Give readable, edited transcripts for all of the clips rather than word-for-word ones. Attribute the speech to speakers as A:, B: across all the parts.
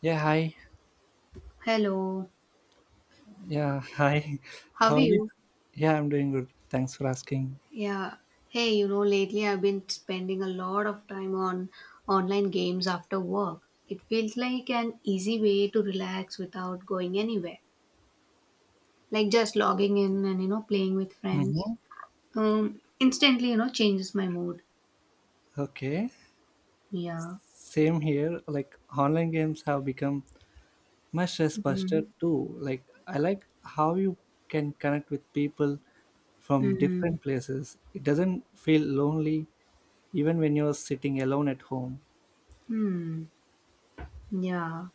A: Yeah, hi.
B: Hello,
A: Yeah, hi.
B: how
A: How
B: are
A: are you?
B: you?
A: Yeah, I'm doing good. Thanks for asking.
B: Yeah, Hey, lately I've been spending a lot of time on online games after work. It feels like an easy way to relax without going anywhere, like just logging in and, playing with
A: Mm-hmm.
B: friends. Instantly, changes my mood.
A: Okay.
B: Yeah.
A: Same here. Like online games have become my stress buster too. Like I like how you can connect with people from
B: Mm,
A: different places. It doesn't feel lonely even when you're sitting alone at home.
B: hmm. Yeah.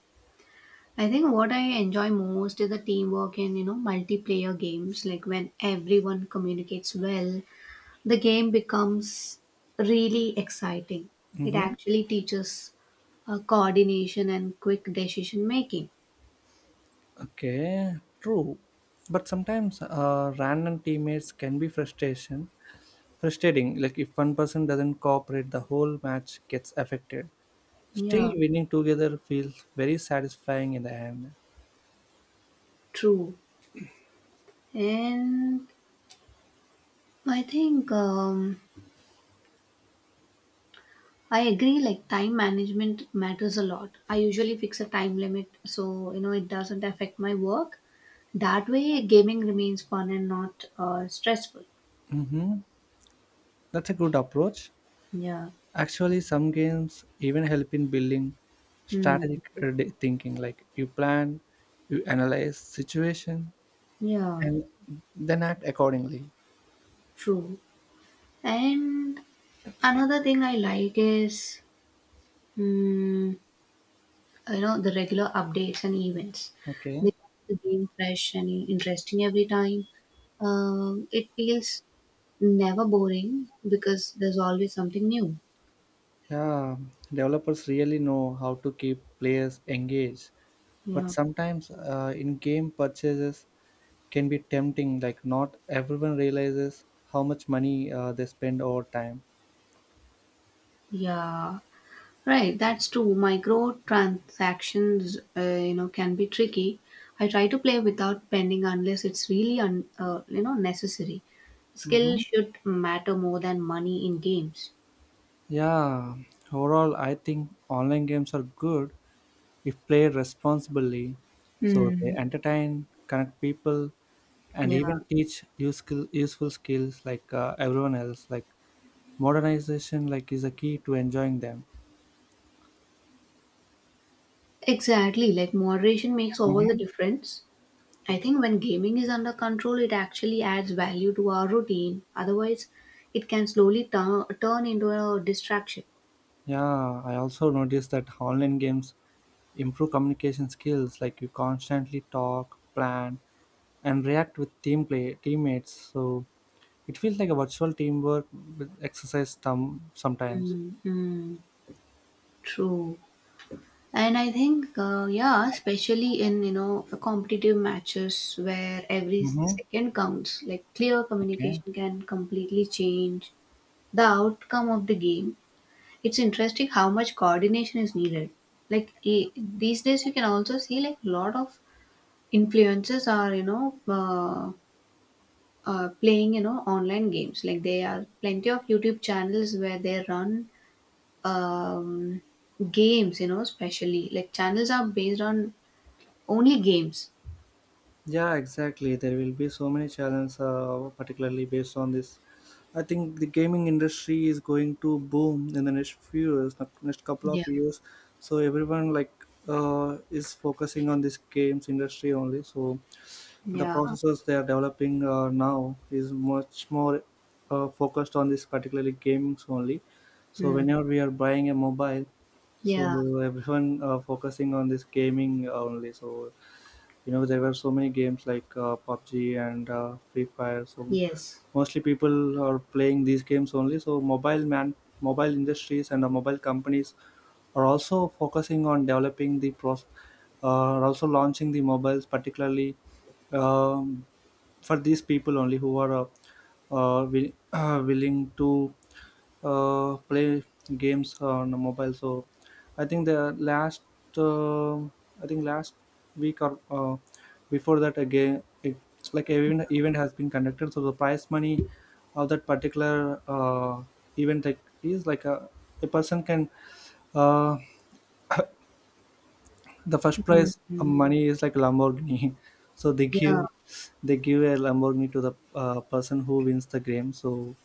B: I think what I enjoy most is the teamwork in, multiplayer games, like when everyone communicates well the game becomes really exciting. It
A: Mm-hmm.
B: actually teaches coordination and quick decision making.
A: Okay, true. But sometimes random teammates can be frustration. Frustrating like if one person doesn't cooperate, the whole match gets affected. Still,
B: Yeah,
A: winning together feels very satisfying in the end.
B: true. And I think I agree, like time management matters a lot. I usually fix a time limit so it doesn't affect my work. That way, gaming remains fun and not stressful.
A: Hmm, that's a good approach.
B: Yeah.
A: Actually, some games even help in building
B: Hmm.
A: strategic thinking. Like you plan, you analyze situation,
B: Yeah,
A: and then act accordingly.
B: true. And another thing I like is Mm, the regular updates and events.
A: Okay.
B: They keep the game fresh and interesting every time. It feels never boring because there's always something new.
A: Yeah, developers really know how to keep players engaged, but
B: Yeah.
A: sometimes in-game purchases can be tempting. Like not everyone realizes how much money they spend over time.
B: Yeah, right. That's true. Micro transactions, can be tricky. I try to play without pending unless it's really necessary. Skill
A: Hmm.
B: should matter more than money in games.
A: Yeah, overall, I think online games are good if played responsibly. So they
B: Hmm.
A: entertain, connect people, and
B: Yeah.
A: even teach useful skills like everyone else. Like modernization, like is a key to enjoying them.
B: Exactly, like moderation makes all the
A: Mhm.
B: difference. I
A: Okay.
B: think when gaming is under control, it actually adds value to our routine. Otherwise, it can slowly turn into a distraction.
A: Yeah, I also noticed that online games improve communication skills. Like you constantly talk, plan, and react with team play teammates. So it feels like a virtual teamwork with exercise some sometimes.
B: Mm-hmm. True. And I think, yeah, especially in, competitive matches where every
A: Mm-hmm.
B: second counts, like clear
A: Okay.
B: communication can completely change the outcome of the game. It's interesting how much coordination is needed. Like these days, you can also see like a lot of influencers are playing online games. Like there are plenty of YouTube channels where they run um, games. You know, especially like channels are based on only games.
A: Yeah, exactly. There will be so many challenges, particularly based on this. I think the gaming industry is going to boom in the next few years, the next couple of
B: Yeah.
A: years. So everyone like is focusing on this games industry only. So the
B: Yeah.
A: processors they are developing now is much more focused on this particularly games only. So
B: Mm.
A: whenever we are buying a mobile, so
B: Yeah.
A: everyone focusing on this gaming only, so you know there were so many games like pubg and free fire. So
B: Yes.
A: mostly people are playing these games only, so mobile industries and the mobile companies are also focusing on developing the pros, are also launching the mobiles particularly um, for these people only who are willing to play games on a mobile. So I think the last uh, I think last week or before that again it, like event has been conducted. So the prize money of that particular event, like is a person can uh, the first prize
B: Mm-hmm.
A: money is like Lamborghini. So they give,
B: Yeah.
A: they give a Lamborghini to the person who wins the game. So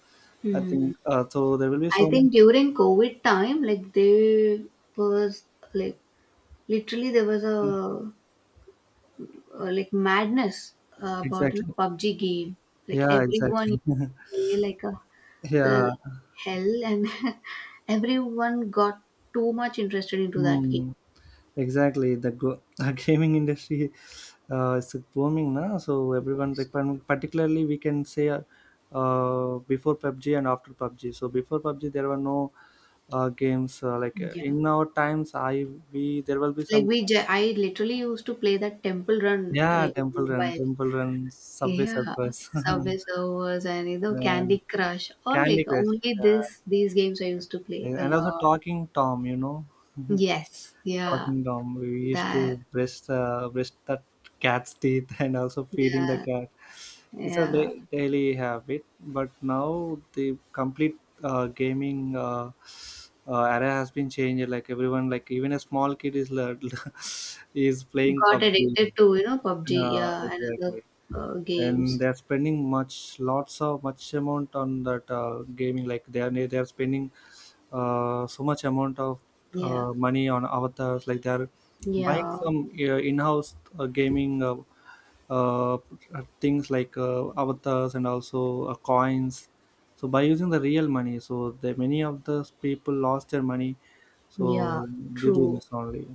A: I
B: Mm.
A: think There will be
B: I
A: so many.
B: think during COVID time, like they was like Literally, there was a, like madness about
A: Exactly.
B: PUBG game. Like
A: Yeah.
B: everyone
A: Exactly.
B: used to play like
A: Yeah.
B: uh, hell, and everyone got too much interested into that game.
A: Hmm. Exactly. Gaming industry is booming now. So everyone, like, par- particularly, we can say. Before PUBG and after PUBG. So before PUBG, there were no games
B: Yeah,
A: in our times. I we there will be
B: like
A: some.
B: I literally used to play that Temple Run
A: Yeah,
B: in
A: Temple Run,
B: mobile.
A: Temple Run, Subway
B: Yeah,
A: Surfers.
B: Subway Servers and Candy Crush. All
A: Candy
B: like
A: Crush.
B: only
A: Yeah.
B: this these games I used to play a
A: And also
B: lot.
A: Talking Tom, you know.
B: Yes, yeah,
A: Talking Tom. We used
B: that,
A: to brush brush the cat's teeth and also feeding the
B: yeah,
A: cat. It's a
B: yeah.
A: daily habit, but now the complete gaming era has been changed. Like everyone, like even a small kid is lear- is playing
B: Got
A: PUBG.
B: addicted to, PUBG, yeah, and other
A: Exactly.
B: games.
A: And they're spending much lots of much amount on that gaming. Like they are spending so much amount of
B: Yeah,
A: money on avatars. Like they are buying
B: yeah,
A: some in-house gaming uh, things like avatars and also coins, so by using the real money. So the many of those people lost their money,
B: yeah,
A: so due to
B: true.
A: this only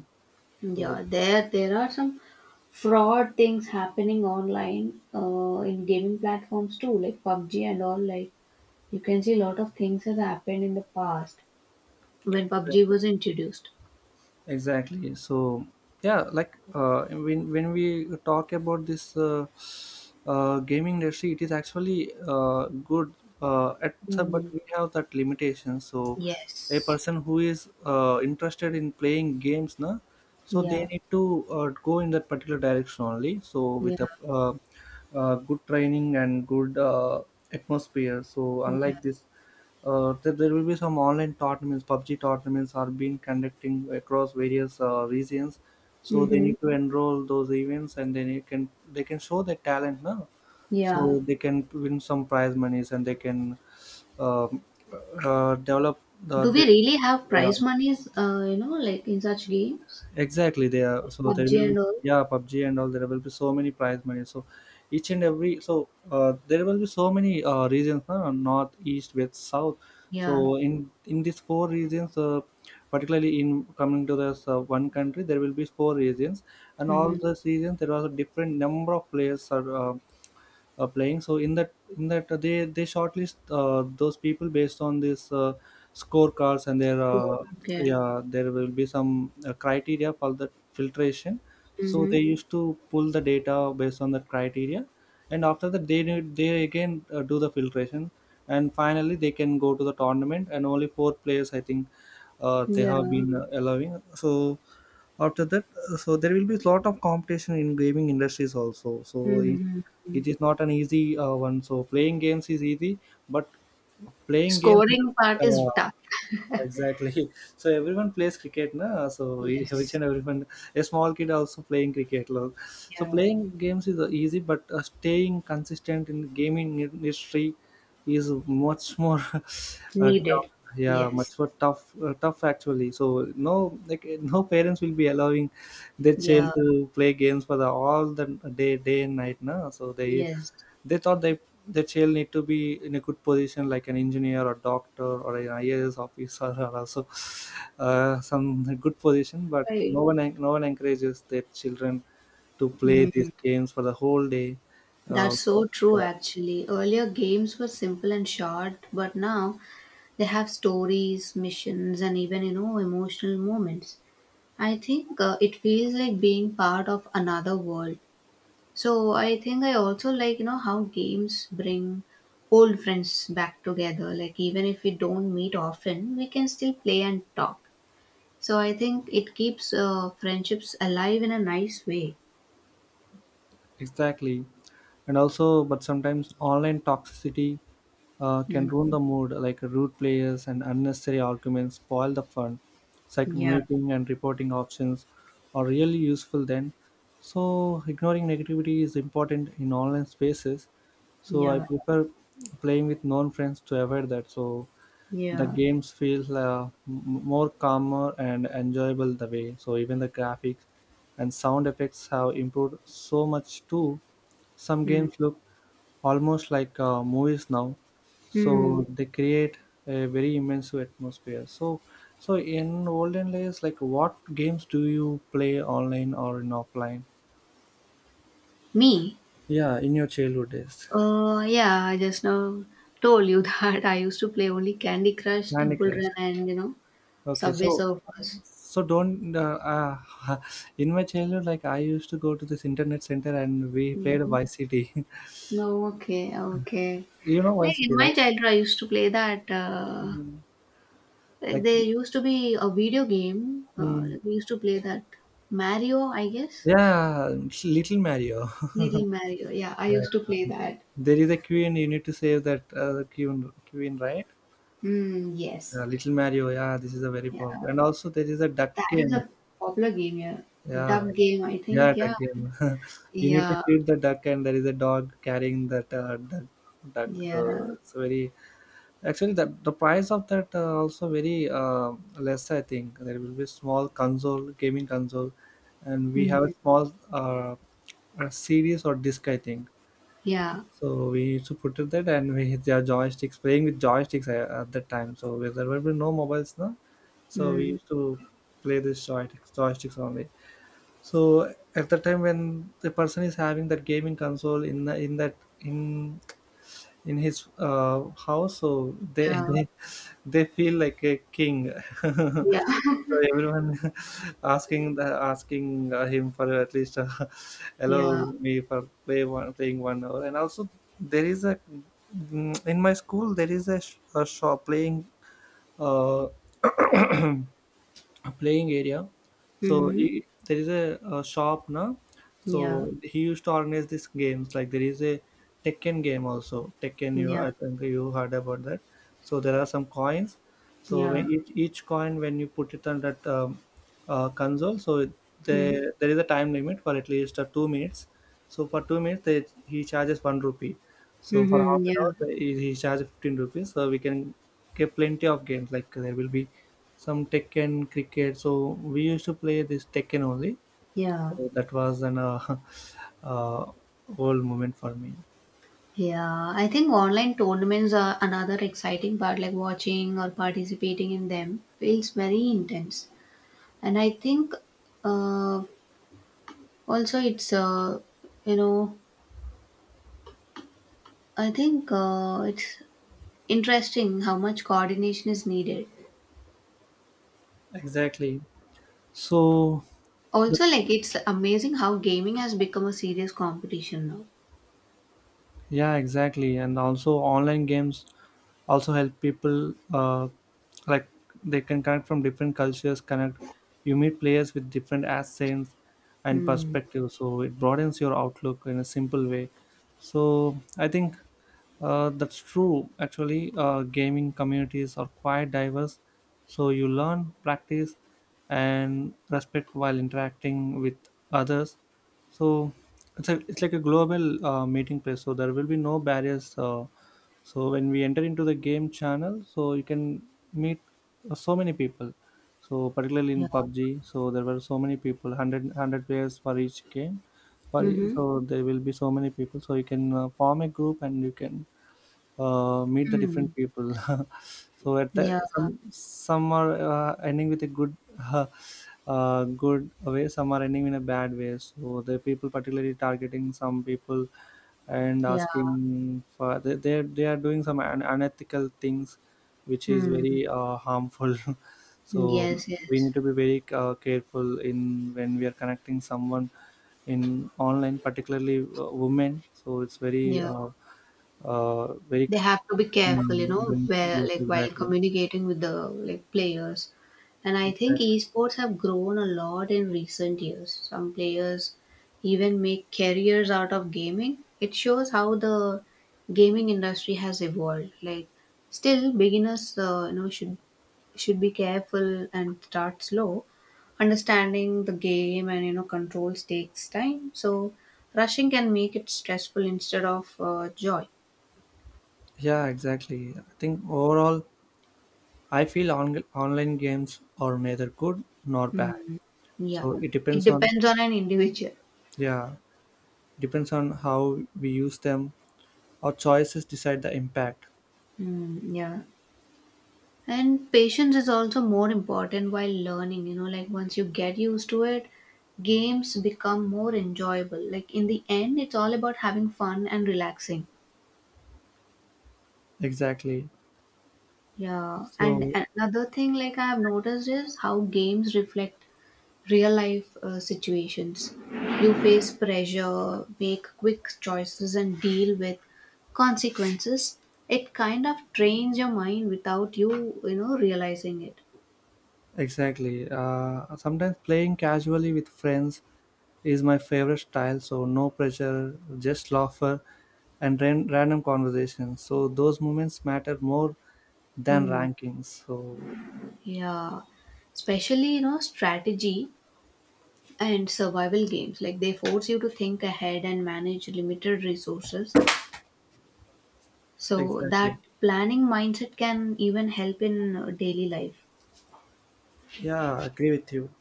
A: so
B: Yeah, there are some fraud things happening online in gaming platforms too, like PUBG and all. Like you can see a lot of things has happened in the past when PUBG
A: exactly.
B: was introduced.
A: Exactly, so yeah like when we talk about this gaming industry, it is actually good
B: Hmm.
A: but we have that limitation. So a
B: Yes.
A: person who is interested in playing games na, so they
B: Yeah.
A: need to go in that particular direction only, so with
B: Yeah.
A: a good training and good atmosphere. So
B: Yeah.
A: unlike this there will be some online tournaments, PUBG tournaments are being conducting across various regions. So they
B: Mm-hmm.
A: need to enroll those events, and then you can they can show their talent now. So
B: Yeah.
A: they can win some prize monies, and they can um, develop
B: Do we
A: the
B: really have
A: yeah,
B: prize monies, like in such games?
A: exactly. They are so there
B: PUBG
A: will be
B: and all?
A: yeah PUBG and all. There will be so many prize money. So each and every so there will be so many regions, no? North, east, west, south. So
B: Yeah.
A: in these four regions, particularly in coming to this one country, there will be four regions, and all
B: Mm-hmm.
A: those regions there was a different number of players are playing. So in that they shortlist those people based on this scorecards and their
B: Score. Okay.
A: yeah, there will be some criteria for the filtration. So they
B: Mm-hmm.
A: used to pull the data based on that criteria, and after that they again do the filtration, and finally they can go to the tournament and only four players I think they have
B: Yeah.
A: been allowing. So after that so there will be a lot of competition in gaming industries also. So
B: Mm-hmm.
A: it is not an easy one. So playing games is easy, but playing games
B: Scoring part is
A: uh,
B: tough.
A: exactly. So everyone plays cricket, na? So each
B: Yes.
A: and everyone, a small kid also playing cricket. Lo. So
B: Yeah.
A: playing games is easy, but staying consistent in the gaming industry is much more tough.
B: Needed.
A: Yeah, much
B: Yes.
A: more tough, tough actually. So no, like no parents will be allowing their child
B: Yeah.
A: to play games for the all the day, day and night. Na, so
B: Yes.
A: they thought they their child need to be in a good position like an engineer or doctor or an IAS officer or also some good position. But
B: Right.
A: no one encourages their children to play
B: Mm.
A: these games for the whole day. uh,
B: That's so true, actually. Earlier games were simple and short, but now they have stories, missions, and even, emotional moments. I think it feels like being part of another world. So I think I also like, how games bring old friends back together. Like even if we don't meet often, we can still play and talk. So I think it keeps friendships alive in a nice way.
A: exactly. And also but sometimes online toxicity can ruin
B: Mm.
A: the mood. Like rude players and unnecessary arguments spoil the fun. It's like
B: Yeah,
A: muting and reporting options are really useful, then. So ignoring negativity is important in online spaces. So I
B: yeah,
A: prefer playing with known friends to avoid that. So the
B: yeah.
A: games feel more calmer and enjoyable the way. So even the graphics and sound effects have improved so much too. Some
B: Mm.
A: games look almost like movies now.
B: Hmm.
A: So they create a very immersive atmosphere. So so in olden days, like what games do you play online or in offline?
B: Me?
A: Yeah, in your childhood days,
B: Yeah, I just now told you that I used to play only Candy Crush,
A: Candy
B: Temple
A: Crush.
B: Run, and
A: Okay,
B: Subway
A: so
B: Surfers.
A: so don't uh, in my childhood, like I used to go to this internet center and we played YCT.
B: Oh, okay, okay.
A: You know
B: Like in
A: YCT, right?
B: my childhood, I used to play that.
A: Mm.
B: Like
A: Like,
B: there used to be a video game.
A: mm,
B: Like we used to play that Mario, I guess.
A: yeah, Little Mario.
B: Little Mario. Yeah, I
A: Yeah.
B: used to play that.
A: There is a queen. You need to save that queen, right?
B: Mm, yes.
A: Little Mario. Yeah, this is a very
B: Yeah,
A: powerful. And also there is a duck
B: that is
A: game.
B: a popular game. Yeah,
A: Yeah,
B: duck game. I
A: yeah,
B: think. Yeah.
A: duck game. You need to
B: Yeah.
A: feed the duck, and there is a dog carrying that duck. Duck. So
B: Yeah.
A: it's very actually, that the price of that also very less. I think there will be small console, gaming console, and we have a
B: Mm,
A: small a series or disc. I think
B: yeah.
A: so. We used to put it that, and we hit their joysticks, playing with joysticks at that time. So where there will be no mobiles now, so we
B: Mm,
A: used to play this joysticks, joysticks only. So at the time when the person is having that gaming console in the, in that in in his house, so they,
B: yeah.
A: they feel like a king.
B: Yeah.
A: So everyone asking the asking him for at least allow
B: Yeah.
A: me for play one playing 1 hour. And also there is a mm, in my school there is a shop playing uh, a playing area. So
B: Mm-hmm.
A: he, there is a shop now.
B: Yeah.
A: So he used to organize these games. Like there is a Tekken game also. Tekken, you
B: Yeah.
A: I think you heard about that. So there are some coins. So
B: Yeah.
A: each coin, when you put it on that console, so
B: Mm-hmm.
A: there there is a time limit for at least 2 minutes. So for 2 minutes, he charges 1 rupee. So for half
B: Mm-hmm.
A: an hour,
B: Yeah.
A: he charges 15 rupees. So we can get plenty of games. Like there will be some Tekken cricket. So we used to play this Tekken only.
B: Yeah.
A: So that was an uh, old moment for me.
B: Yeah, I think online tournaments are another exciting part, like watching or participating in them feels very intense. And I think uh, also it's, you know, I think it's interesting how much coordination is needed.
A: Exactly. So the,
B: Also, like it's amazing how gaming has become a serious competition now.
A: yeah, exactly. And also online games also help people like they can connect from different cultures. Connect. You meet players with different accents and
B: Hmm.
A: perspectives. So it broadens your outlook in a simple way. So I think That's true. Actually, gaming communities are quite diverse, so you learn, practice, and respect while interacting with others. So it's like a global meeting place. So there will be no barriers. So when we enter into the game channel, so you can meet so many people. So particularly in
B: Yeah.
A: PUBG, so there were so many people, 100, players for each game. For, e-
B: Mm-hmm.
A: so there will be so many people. So you can form a group and you can meet the
B: Hmm.
A: different people. So at the,
B: Yeah.
A: some are ending with a good good way, some are ending in a bad way. So the people particularly targeting some people and
B: Yeah.
A: asking for they are doing some unethical things, which is
B: Hmm.
A: very harmful. So
B: Yes,
A: we need
B: yes.
A: to be very careful in when we are connecting someone in online, particularly women. So it's very,
B: Yeah.
A: very
B: They have to be careful, you know, where
A: yes,
B: like while
A: exactly,
B: communicating with the like players. And I think
A: exactly.
B: esports have grown a lot in recent years. Some players even make careers out of gaming. It shows how the gaming industry has evolved. Like still beginners, should be careful and start slow. Understanding the game and, controls takes time, so rushing can make it stressful instead of joy.
A: Yeah, exactly. I think overall, I feel online games are neither good nor bad.
B: Hmm. Yeah,
A: So it
B: it
A: depends on,
B: depends on an individual.
A: yeah, depends on how we use them. Our choices decide the impact.
B: Mm, yeah. And patience is also more important while learning, like once you get used to it, games become more enjoyable. Like in the end, it's all about having fun and relaxing.
A: Exactly.
B: Yeah. And
A: So
B: another thing like I have noticed is how games reflect real life situations. You face pressure, make quick choices, and deal with consequences. It kind of trains your mind without you, realizing it.
A: exactly. Sometimes playing casually with friends is my favorite style, so no pressure, just laughter and random conversations. So those moments matter more than
B: Hmm.
A: rankings. So
B: Yeah, especially strategy and survival games. Like they force you to think ahead and manage limited resources. So
A: exactly.
B: that planning mindset can even help in daily life.
A: Yeah, agree with you.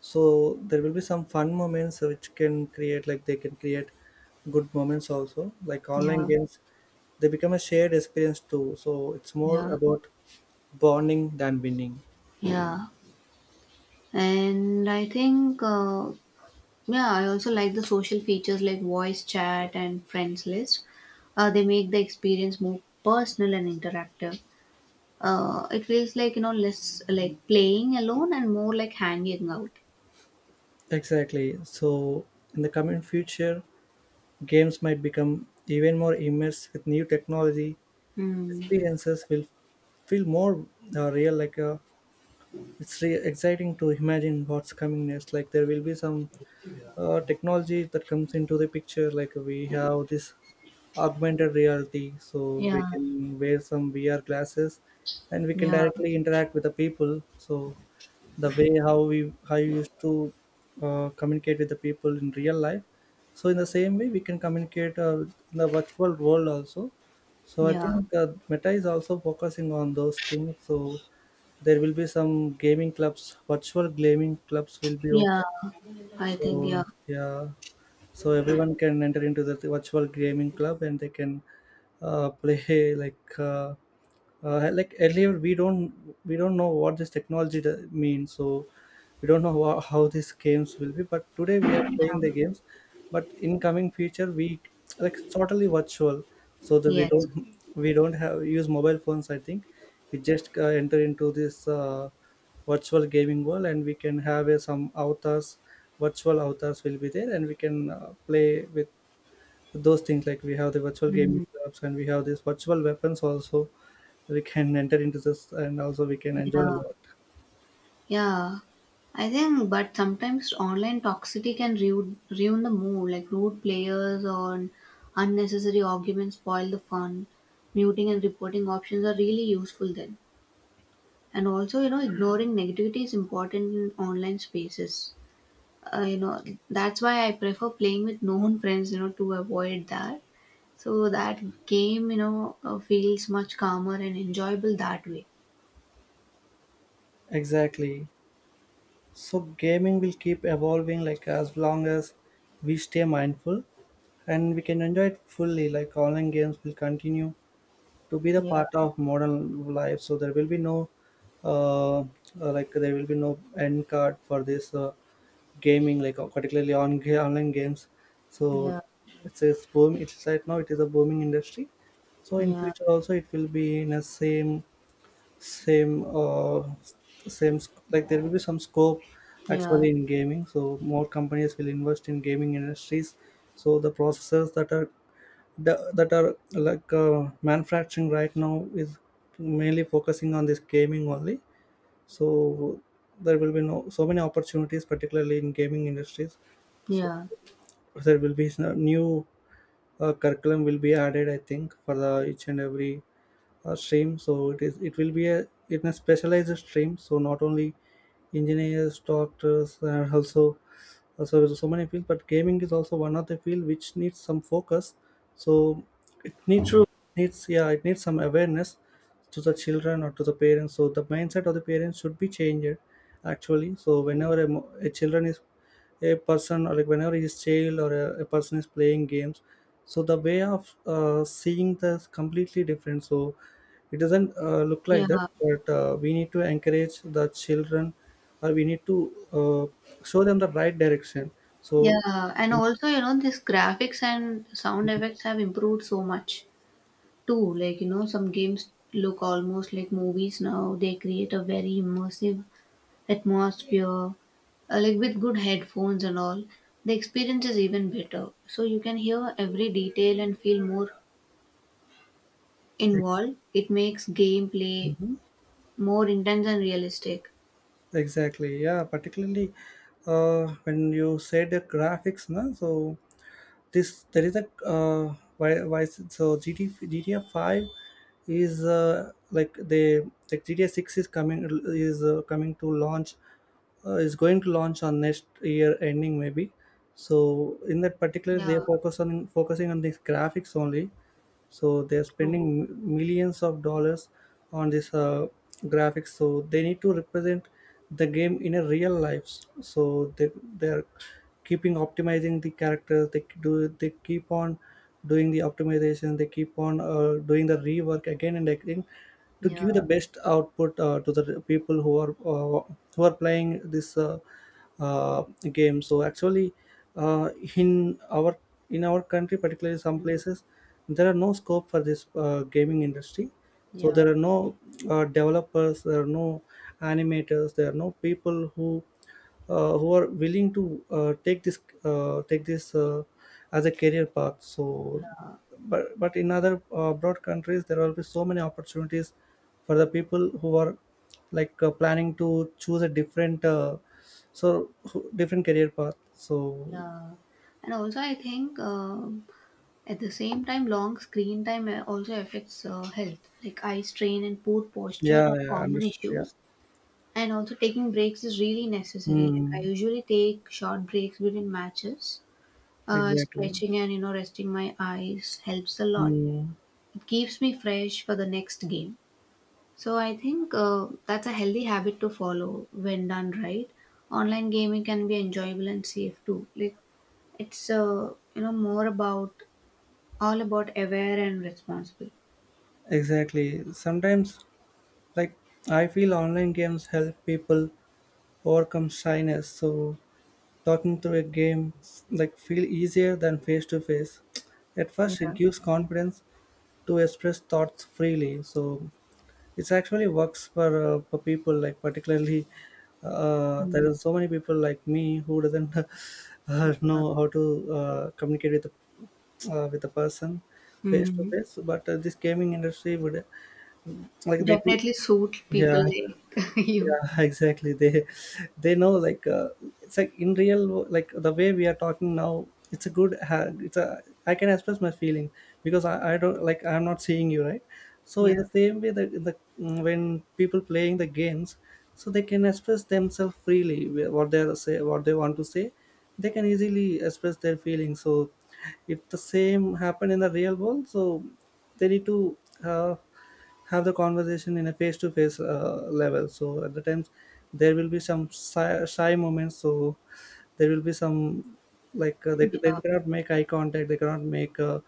A: So there will be some fun moments which can create, like, they can create good moments also. Like online
B: Yeah,
A: games, they become a shared experience too. So it's more
B: yeah,
A: about bonding than winning.
B: yeah. And I think, yeah, I also like the social features like voice chat and friends list. They make the experience more personal and interactive. It feels like, less like playing alone and more like hanging out.
A: Exactly. So in the coming future, games might become even more immersed with new technology,
B: Mm.
A: experiences will feel more real, like it's exciting to imagine what's coming next. Like, there will be some technology that comes into the picture, like we have this augmented reality, so we
B: Yeah,
A: can wear some VR glasses and we can
B: yeah,
A: directly interact with the people. So the way how you used to communicate with the people in real life, so in the same way we can communicate in the virtual world also. So I
B: yeah,
A: think Meta is also focusing on those things. So there will be some gaming clubs virtual gaming clubs will be
B: yeah.
A: open.
B: I think, yeah,
A: So yeah, so everyone can enter into the virtual gaming club and they can play like like earlier we don't know what this technology means. So we don't know how these games will be, but today we are playing the games, but in coming future we, like, totally virtual, so that we
B: yes.
A: don't we don't have use mobile phones, I think. We just enter into this virtual gaming world and we can have some avatars, virtual avatars will be there and we can play with those things, like we have the virtual gaming
B: Mm.
A: clubs and we have these virtual weapons also. We can enter into this and also we can enjoy
B: Yeah.
A: a lot.
B: Yeah, I think, but sometimes online toxicity can ruin the mood. Like rude players or unnecessary arguments spoil the fun. Muting and reporting options are really useful then. And also, ignoring negativity is important in online spaces. Uh, you know, that's why I prefer playing with known friends, to avoid that. So that game, feels much calmer and enjoyable that way.
A: Exactly. So gaming will keep evolving, like as long as we stay mindful and we can enjoy it fully, like online games will continue to be the
B: Yeah,
A: part of modern life. So there will be no uh, uh, like there will be no end card for this gaming, like particularly on online games. So
B: yeah,
A: it's a boom, it's right now, it is a booming industry. So in
B: yeah,
A: future also it will be in a same, same same like there will be some scope
B: Yeah,
A: actually in gaming. So more companies will invest in gaming industries. So the processors that are that are like manufacturing right now is mainly focusing on this gaming only. So there will be no so many opportunities particularly in gaming industries. So
B: yeah,
A: there will be new curriculum will be added, I think, for the each and every stream. So it is, it will be a, in a specialized stream, so not only engineers, doctors, and also so there's so many fields, but gaming is also one of the field which needs some focus. So it need,
B: true.
A: needs, yeah, it needs some awareness to the children or to the parents. So the mindset of the parents should be changed actually. So whenever a children is a person, or like whenever he is child or a person is playing games, so the way of seeing this completely different. So it doesn't look like
B: Yeah,
A: that, but we need to encourage the children or we need to uh, show them the right direction. So
B: yeah. And also, this graphics and sound effects have improved so much too. Like, some games look almost like movies now. They create a very immersive atmosphere. Like with good headphones and all, the experience is even better. So you can hear every detail and feel more
A: ex-
B: involved. It makes gameplay
A: mhm.
B: more intense and realistic.
A: Exactly, yeah, particularly when you said the graphics na, so this there is a why so GTA 5 is like they, like GTA 6 is coming, is coming to launch, is going to launch on next year ending maybe. So in that particular they
B: Yeah,
A: focusing on these graphics only. So they're
B: true.
A: spending millions of dollars on this graphics. So they need to represent the game in a real life. So they're keeping optimizing the characters. They do, they keep on doing the optimization, they keep on doing the rework again and again, to
B: Yeah,
A: give the best output to the people who are playing this uh, game. So actually, uh, in our in our country, particularly some
B: mm,
A: places, there are no scope for this gaming industry. So
B: yeah,
A: there are no developers, there are no animators, there are no people who are willing to take this as a career path. So,
B: yeah,
A: but in other broad countries, there will be so many opportunities for the people who are like planning to choose a different so different career path. So
B: yeah. And also, I think at the same time, long screen time also affects health, like eye strain and poor posture
A: yeah,
B: are
A: yeah,
B: common
A: understood. Yeah.
B: issues. And also, taking breaks is really necessary. Like I
A: Mm,
B: usually take short breaks between matches.
A: exactly.
B: Stretching and resting my eyes helps a lot.
A: Mm,
B: It keeps me fresh for the next game. So I think that's a healthy habit to follow. When done right, online gaming can be enjoyable and safe too. Like it's more about all about aware and responsible.
A: exactly. Sometimes, like, I feel online games help people overcome shyness. So talking through a game, like, feel easier than face to face. At first, it
B: Yeah.
A: gives confidence to express thoughts freely. So it's actually works for people, like particularly there
B: Mm,
A: are so many people like me who doesn't
B: yeah.
A: know how to communicate with the with the person face to
B: Mhm.
A: face, but this gaming industry would like they
B: Definitely suit people
A: yeah,
B: like you.
A: yeah, exactly they know, like it's like in real like the way we are talking now, it's a good it's a, I can express my feeling because I don't, like, I'm not seeing you, right? So
B: Yeah.
A: in the same way that in the mm, when people playing the games, so they can express themselves freely what they say, what they want to say, they can easily express their feelings. So if the same happen in the real world, so they need to uh, have the conversation in a face-to-face level. So at the times there will be some shy moments, so there will be some like they
B: Yeah.
A: cannot make eye contact, they cannot make uh,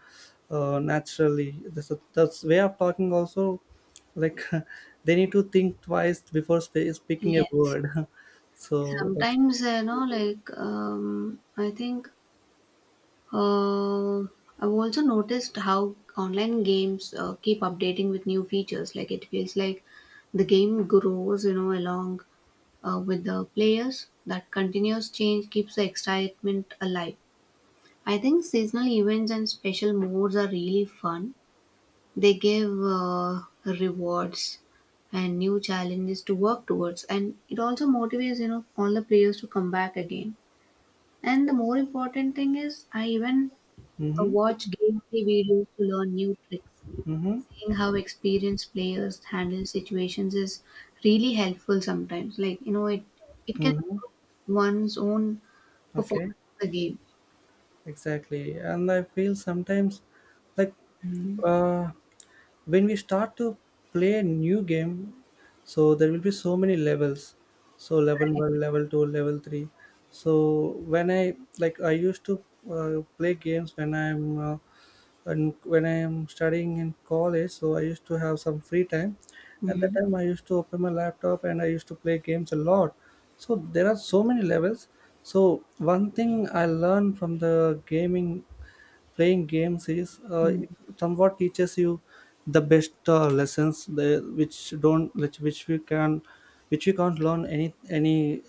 A: uh, naturally that's, a, that's way of talking also, like they need to think twice before speaking a
B: Yes.
A: word. So that's
B: Sometimes, I think I've also noticed how online games keep updating with new features. Like, it feels like the game grows, along with the players. That continuous change keeps the excitement alive. I think seasonal events and special modes are really fun. They give rewards and new challenges to work towards, and it also motivates, all the players to come back again. And the more important thing is, I even
A: mm-hmm,
B: watch gameplay videos to learn new tricks.
A: mm-hmm,
B: Seeing how experienced players handle situations is really helpful sometimes. Like it can
A: mm-hmm.
B: improve one's own
A: Okay,
B: performance in the game.
A: exactly. And I feel sometimes, like
B: Mhm.
A: uh, when we start to play a new game, so there will be so many levels. So level
B: Right.
A: 1, level 2, level 3. So when I, like I used to play games when i'm uh, and when I am studying in college, so I used to have some free time. At that
B: Mhm.
A: time, I used to open my laptop and I used to play games a lot. So there are so many levels. So one thing I learned from the gaming playing games is, it
B: Mhm.
A: somewhat teaches you the best lessons the, which don't which we can, which you can't learn any,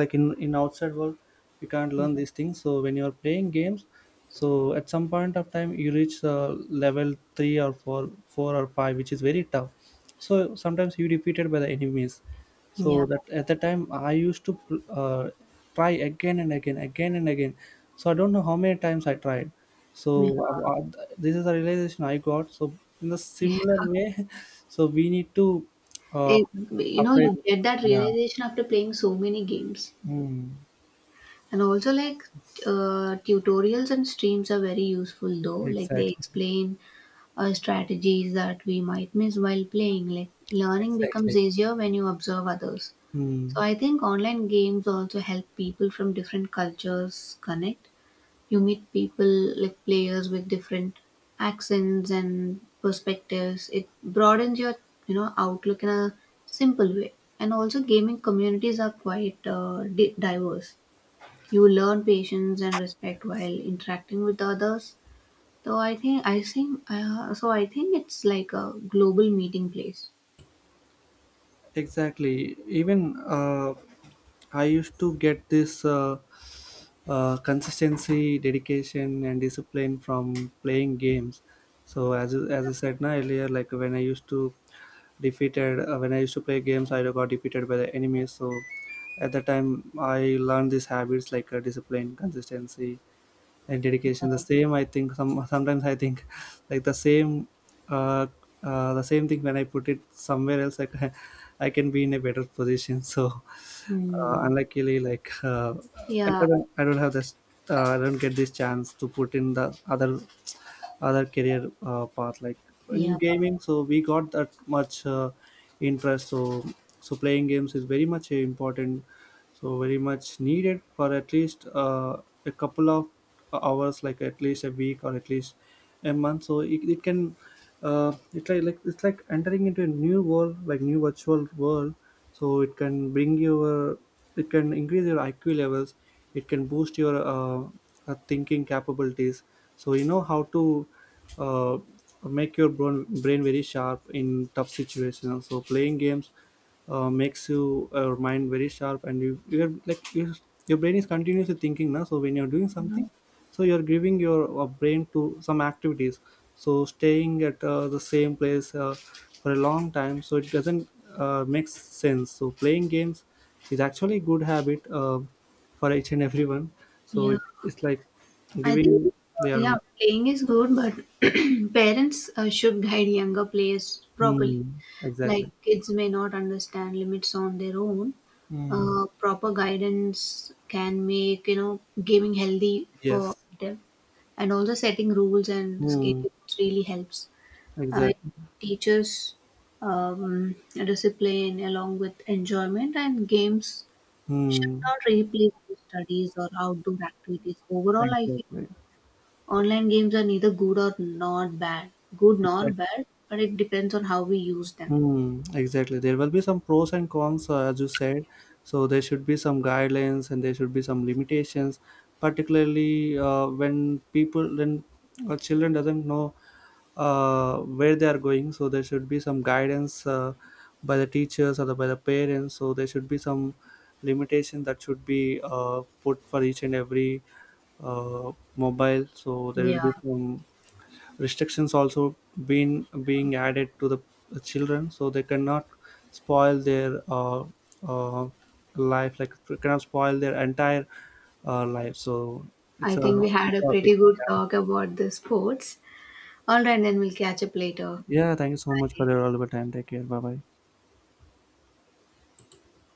A: like in outside world you can't learn these things. So when you are playing games, so at some point of time you reach level 3 or 4, 4 or 5, which is very tough. So sometimes you defeated by the enemies.
B: Yeah.
A: So that at the time I used to try again and again, again and again. So I don't know how many times I tried. So
B: Yeah.
A: this is a realization I got. So in the
B: Yeah.
A: similar way so we need to uh,
B: It,
A: apply,
B: you get that
A: yeah,
B: realization after playing so many games.
A: mm,
B: And also like tutorials and streams are very useful though, like they
A: exactly,
B: explain strategies that we might miss while playing. Like learning becomes
A: exactly,
B: easier when you observe others. So
A: mm,
B: I think online games also help people from different cultures connect. You meet people like players with different accents and perspectives. It broadens your, outlook in a simple way. And also, gaming communities are quite diverse. You learn patience and respect while interacting with others. So I think it's like a global meeting place.
A: exactly, even I used to get this consistency, dedication, and discipline from playing games. So as I said na, earlier, like when I used to defeated, when I used to play games, I got defeated by the enemies. So at that time I learned these habits, like discipline, consistency, and dedication, the
B: Yeah.
A: same, I think some, sometimes I think like uh, the same thing, when I put it somewhere else, I can, I can be in a better position. So
B: Hmm.
A: unluckily, like
B: Yeah,
A: I don't have this I don't get this chance to put in the other career path, like in
B: yeah,
A: gaming, so we got that much interest. So so playing games is very much important, so very much needed for at least a couple of hours, like at least a week or at least a month. So it can it's like it's like entering into a new world, like new virtual world. So it can bring your, it can increase your IQ levels, it can boost your thinking capabilities. So you know how to uh, make your brain very sharp in tough situations. So playing games makes you your mind very sharp, and your brain is continuously thinking now. So when you're doing something, so you're giving your brain to some activities. So staying at the same place for a long time, so it doesn't make sense. So playing games is actually a good habit for each and everyone. So
B: yeah.
A: it's like
B: I think,
A: giving, yeah,
B: yeah, playing is good, but parents should guide younger players properly.
A: hmm,
B: Like
A: exactly.
B: kids may not understand limits on their own.
A: Hmm.
B: Proper guidance can make, gaming healthy for
A: Yes,
B: them, and also setting rules and
A: hmm,
B: schedules really helps. It
A: exactly,
B: teaches discipline along with enjoyment, and games should
A: hmm,
B: not replace studies or outdoor activities. Overall, I feel
A: exactly.
B: online games are neither good nor
A: Exactly.
B: bad, but it depends on how we use them.
A: Mm, exactly. There will be some pros and cons, as you said. So there should be some guidelines and there should be some limitations, particularly when children doesn't know where they are going. So there should be some guidance by the parents. So there should be some limitation that should be put for each and every mobile. So there will
B: Yeah.
A: be some restrictions also been being added to the children, so they cannot spoil their uh, life, like cannot spoil their entire life. So it's
B: I
A: a
B: think we
A: good
B: had a
A: topic.
B: pretty good talk about the sports. All right, then we'll catch up later.
A: Yeah, thank you so much for
B: Bye.
A: your valuable time. Take care, bye bye.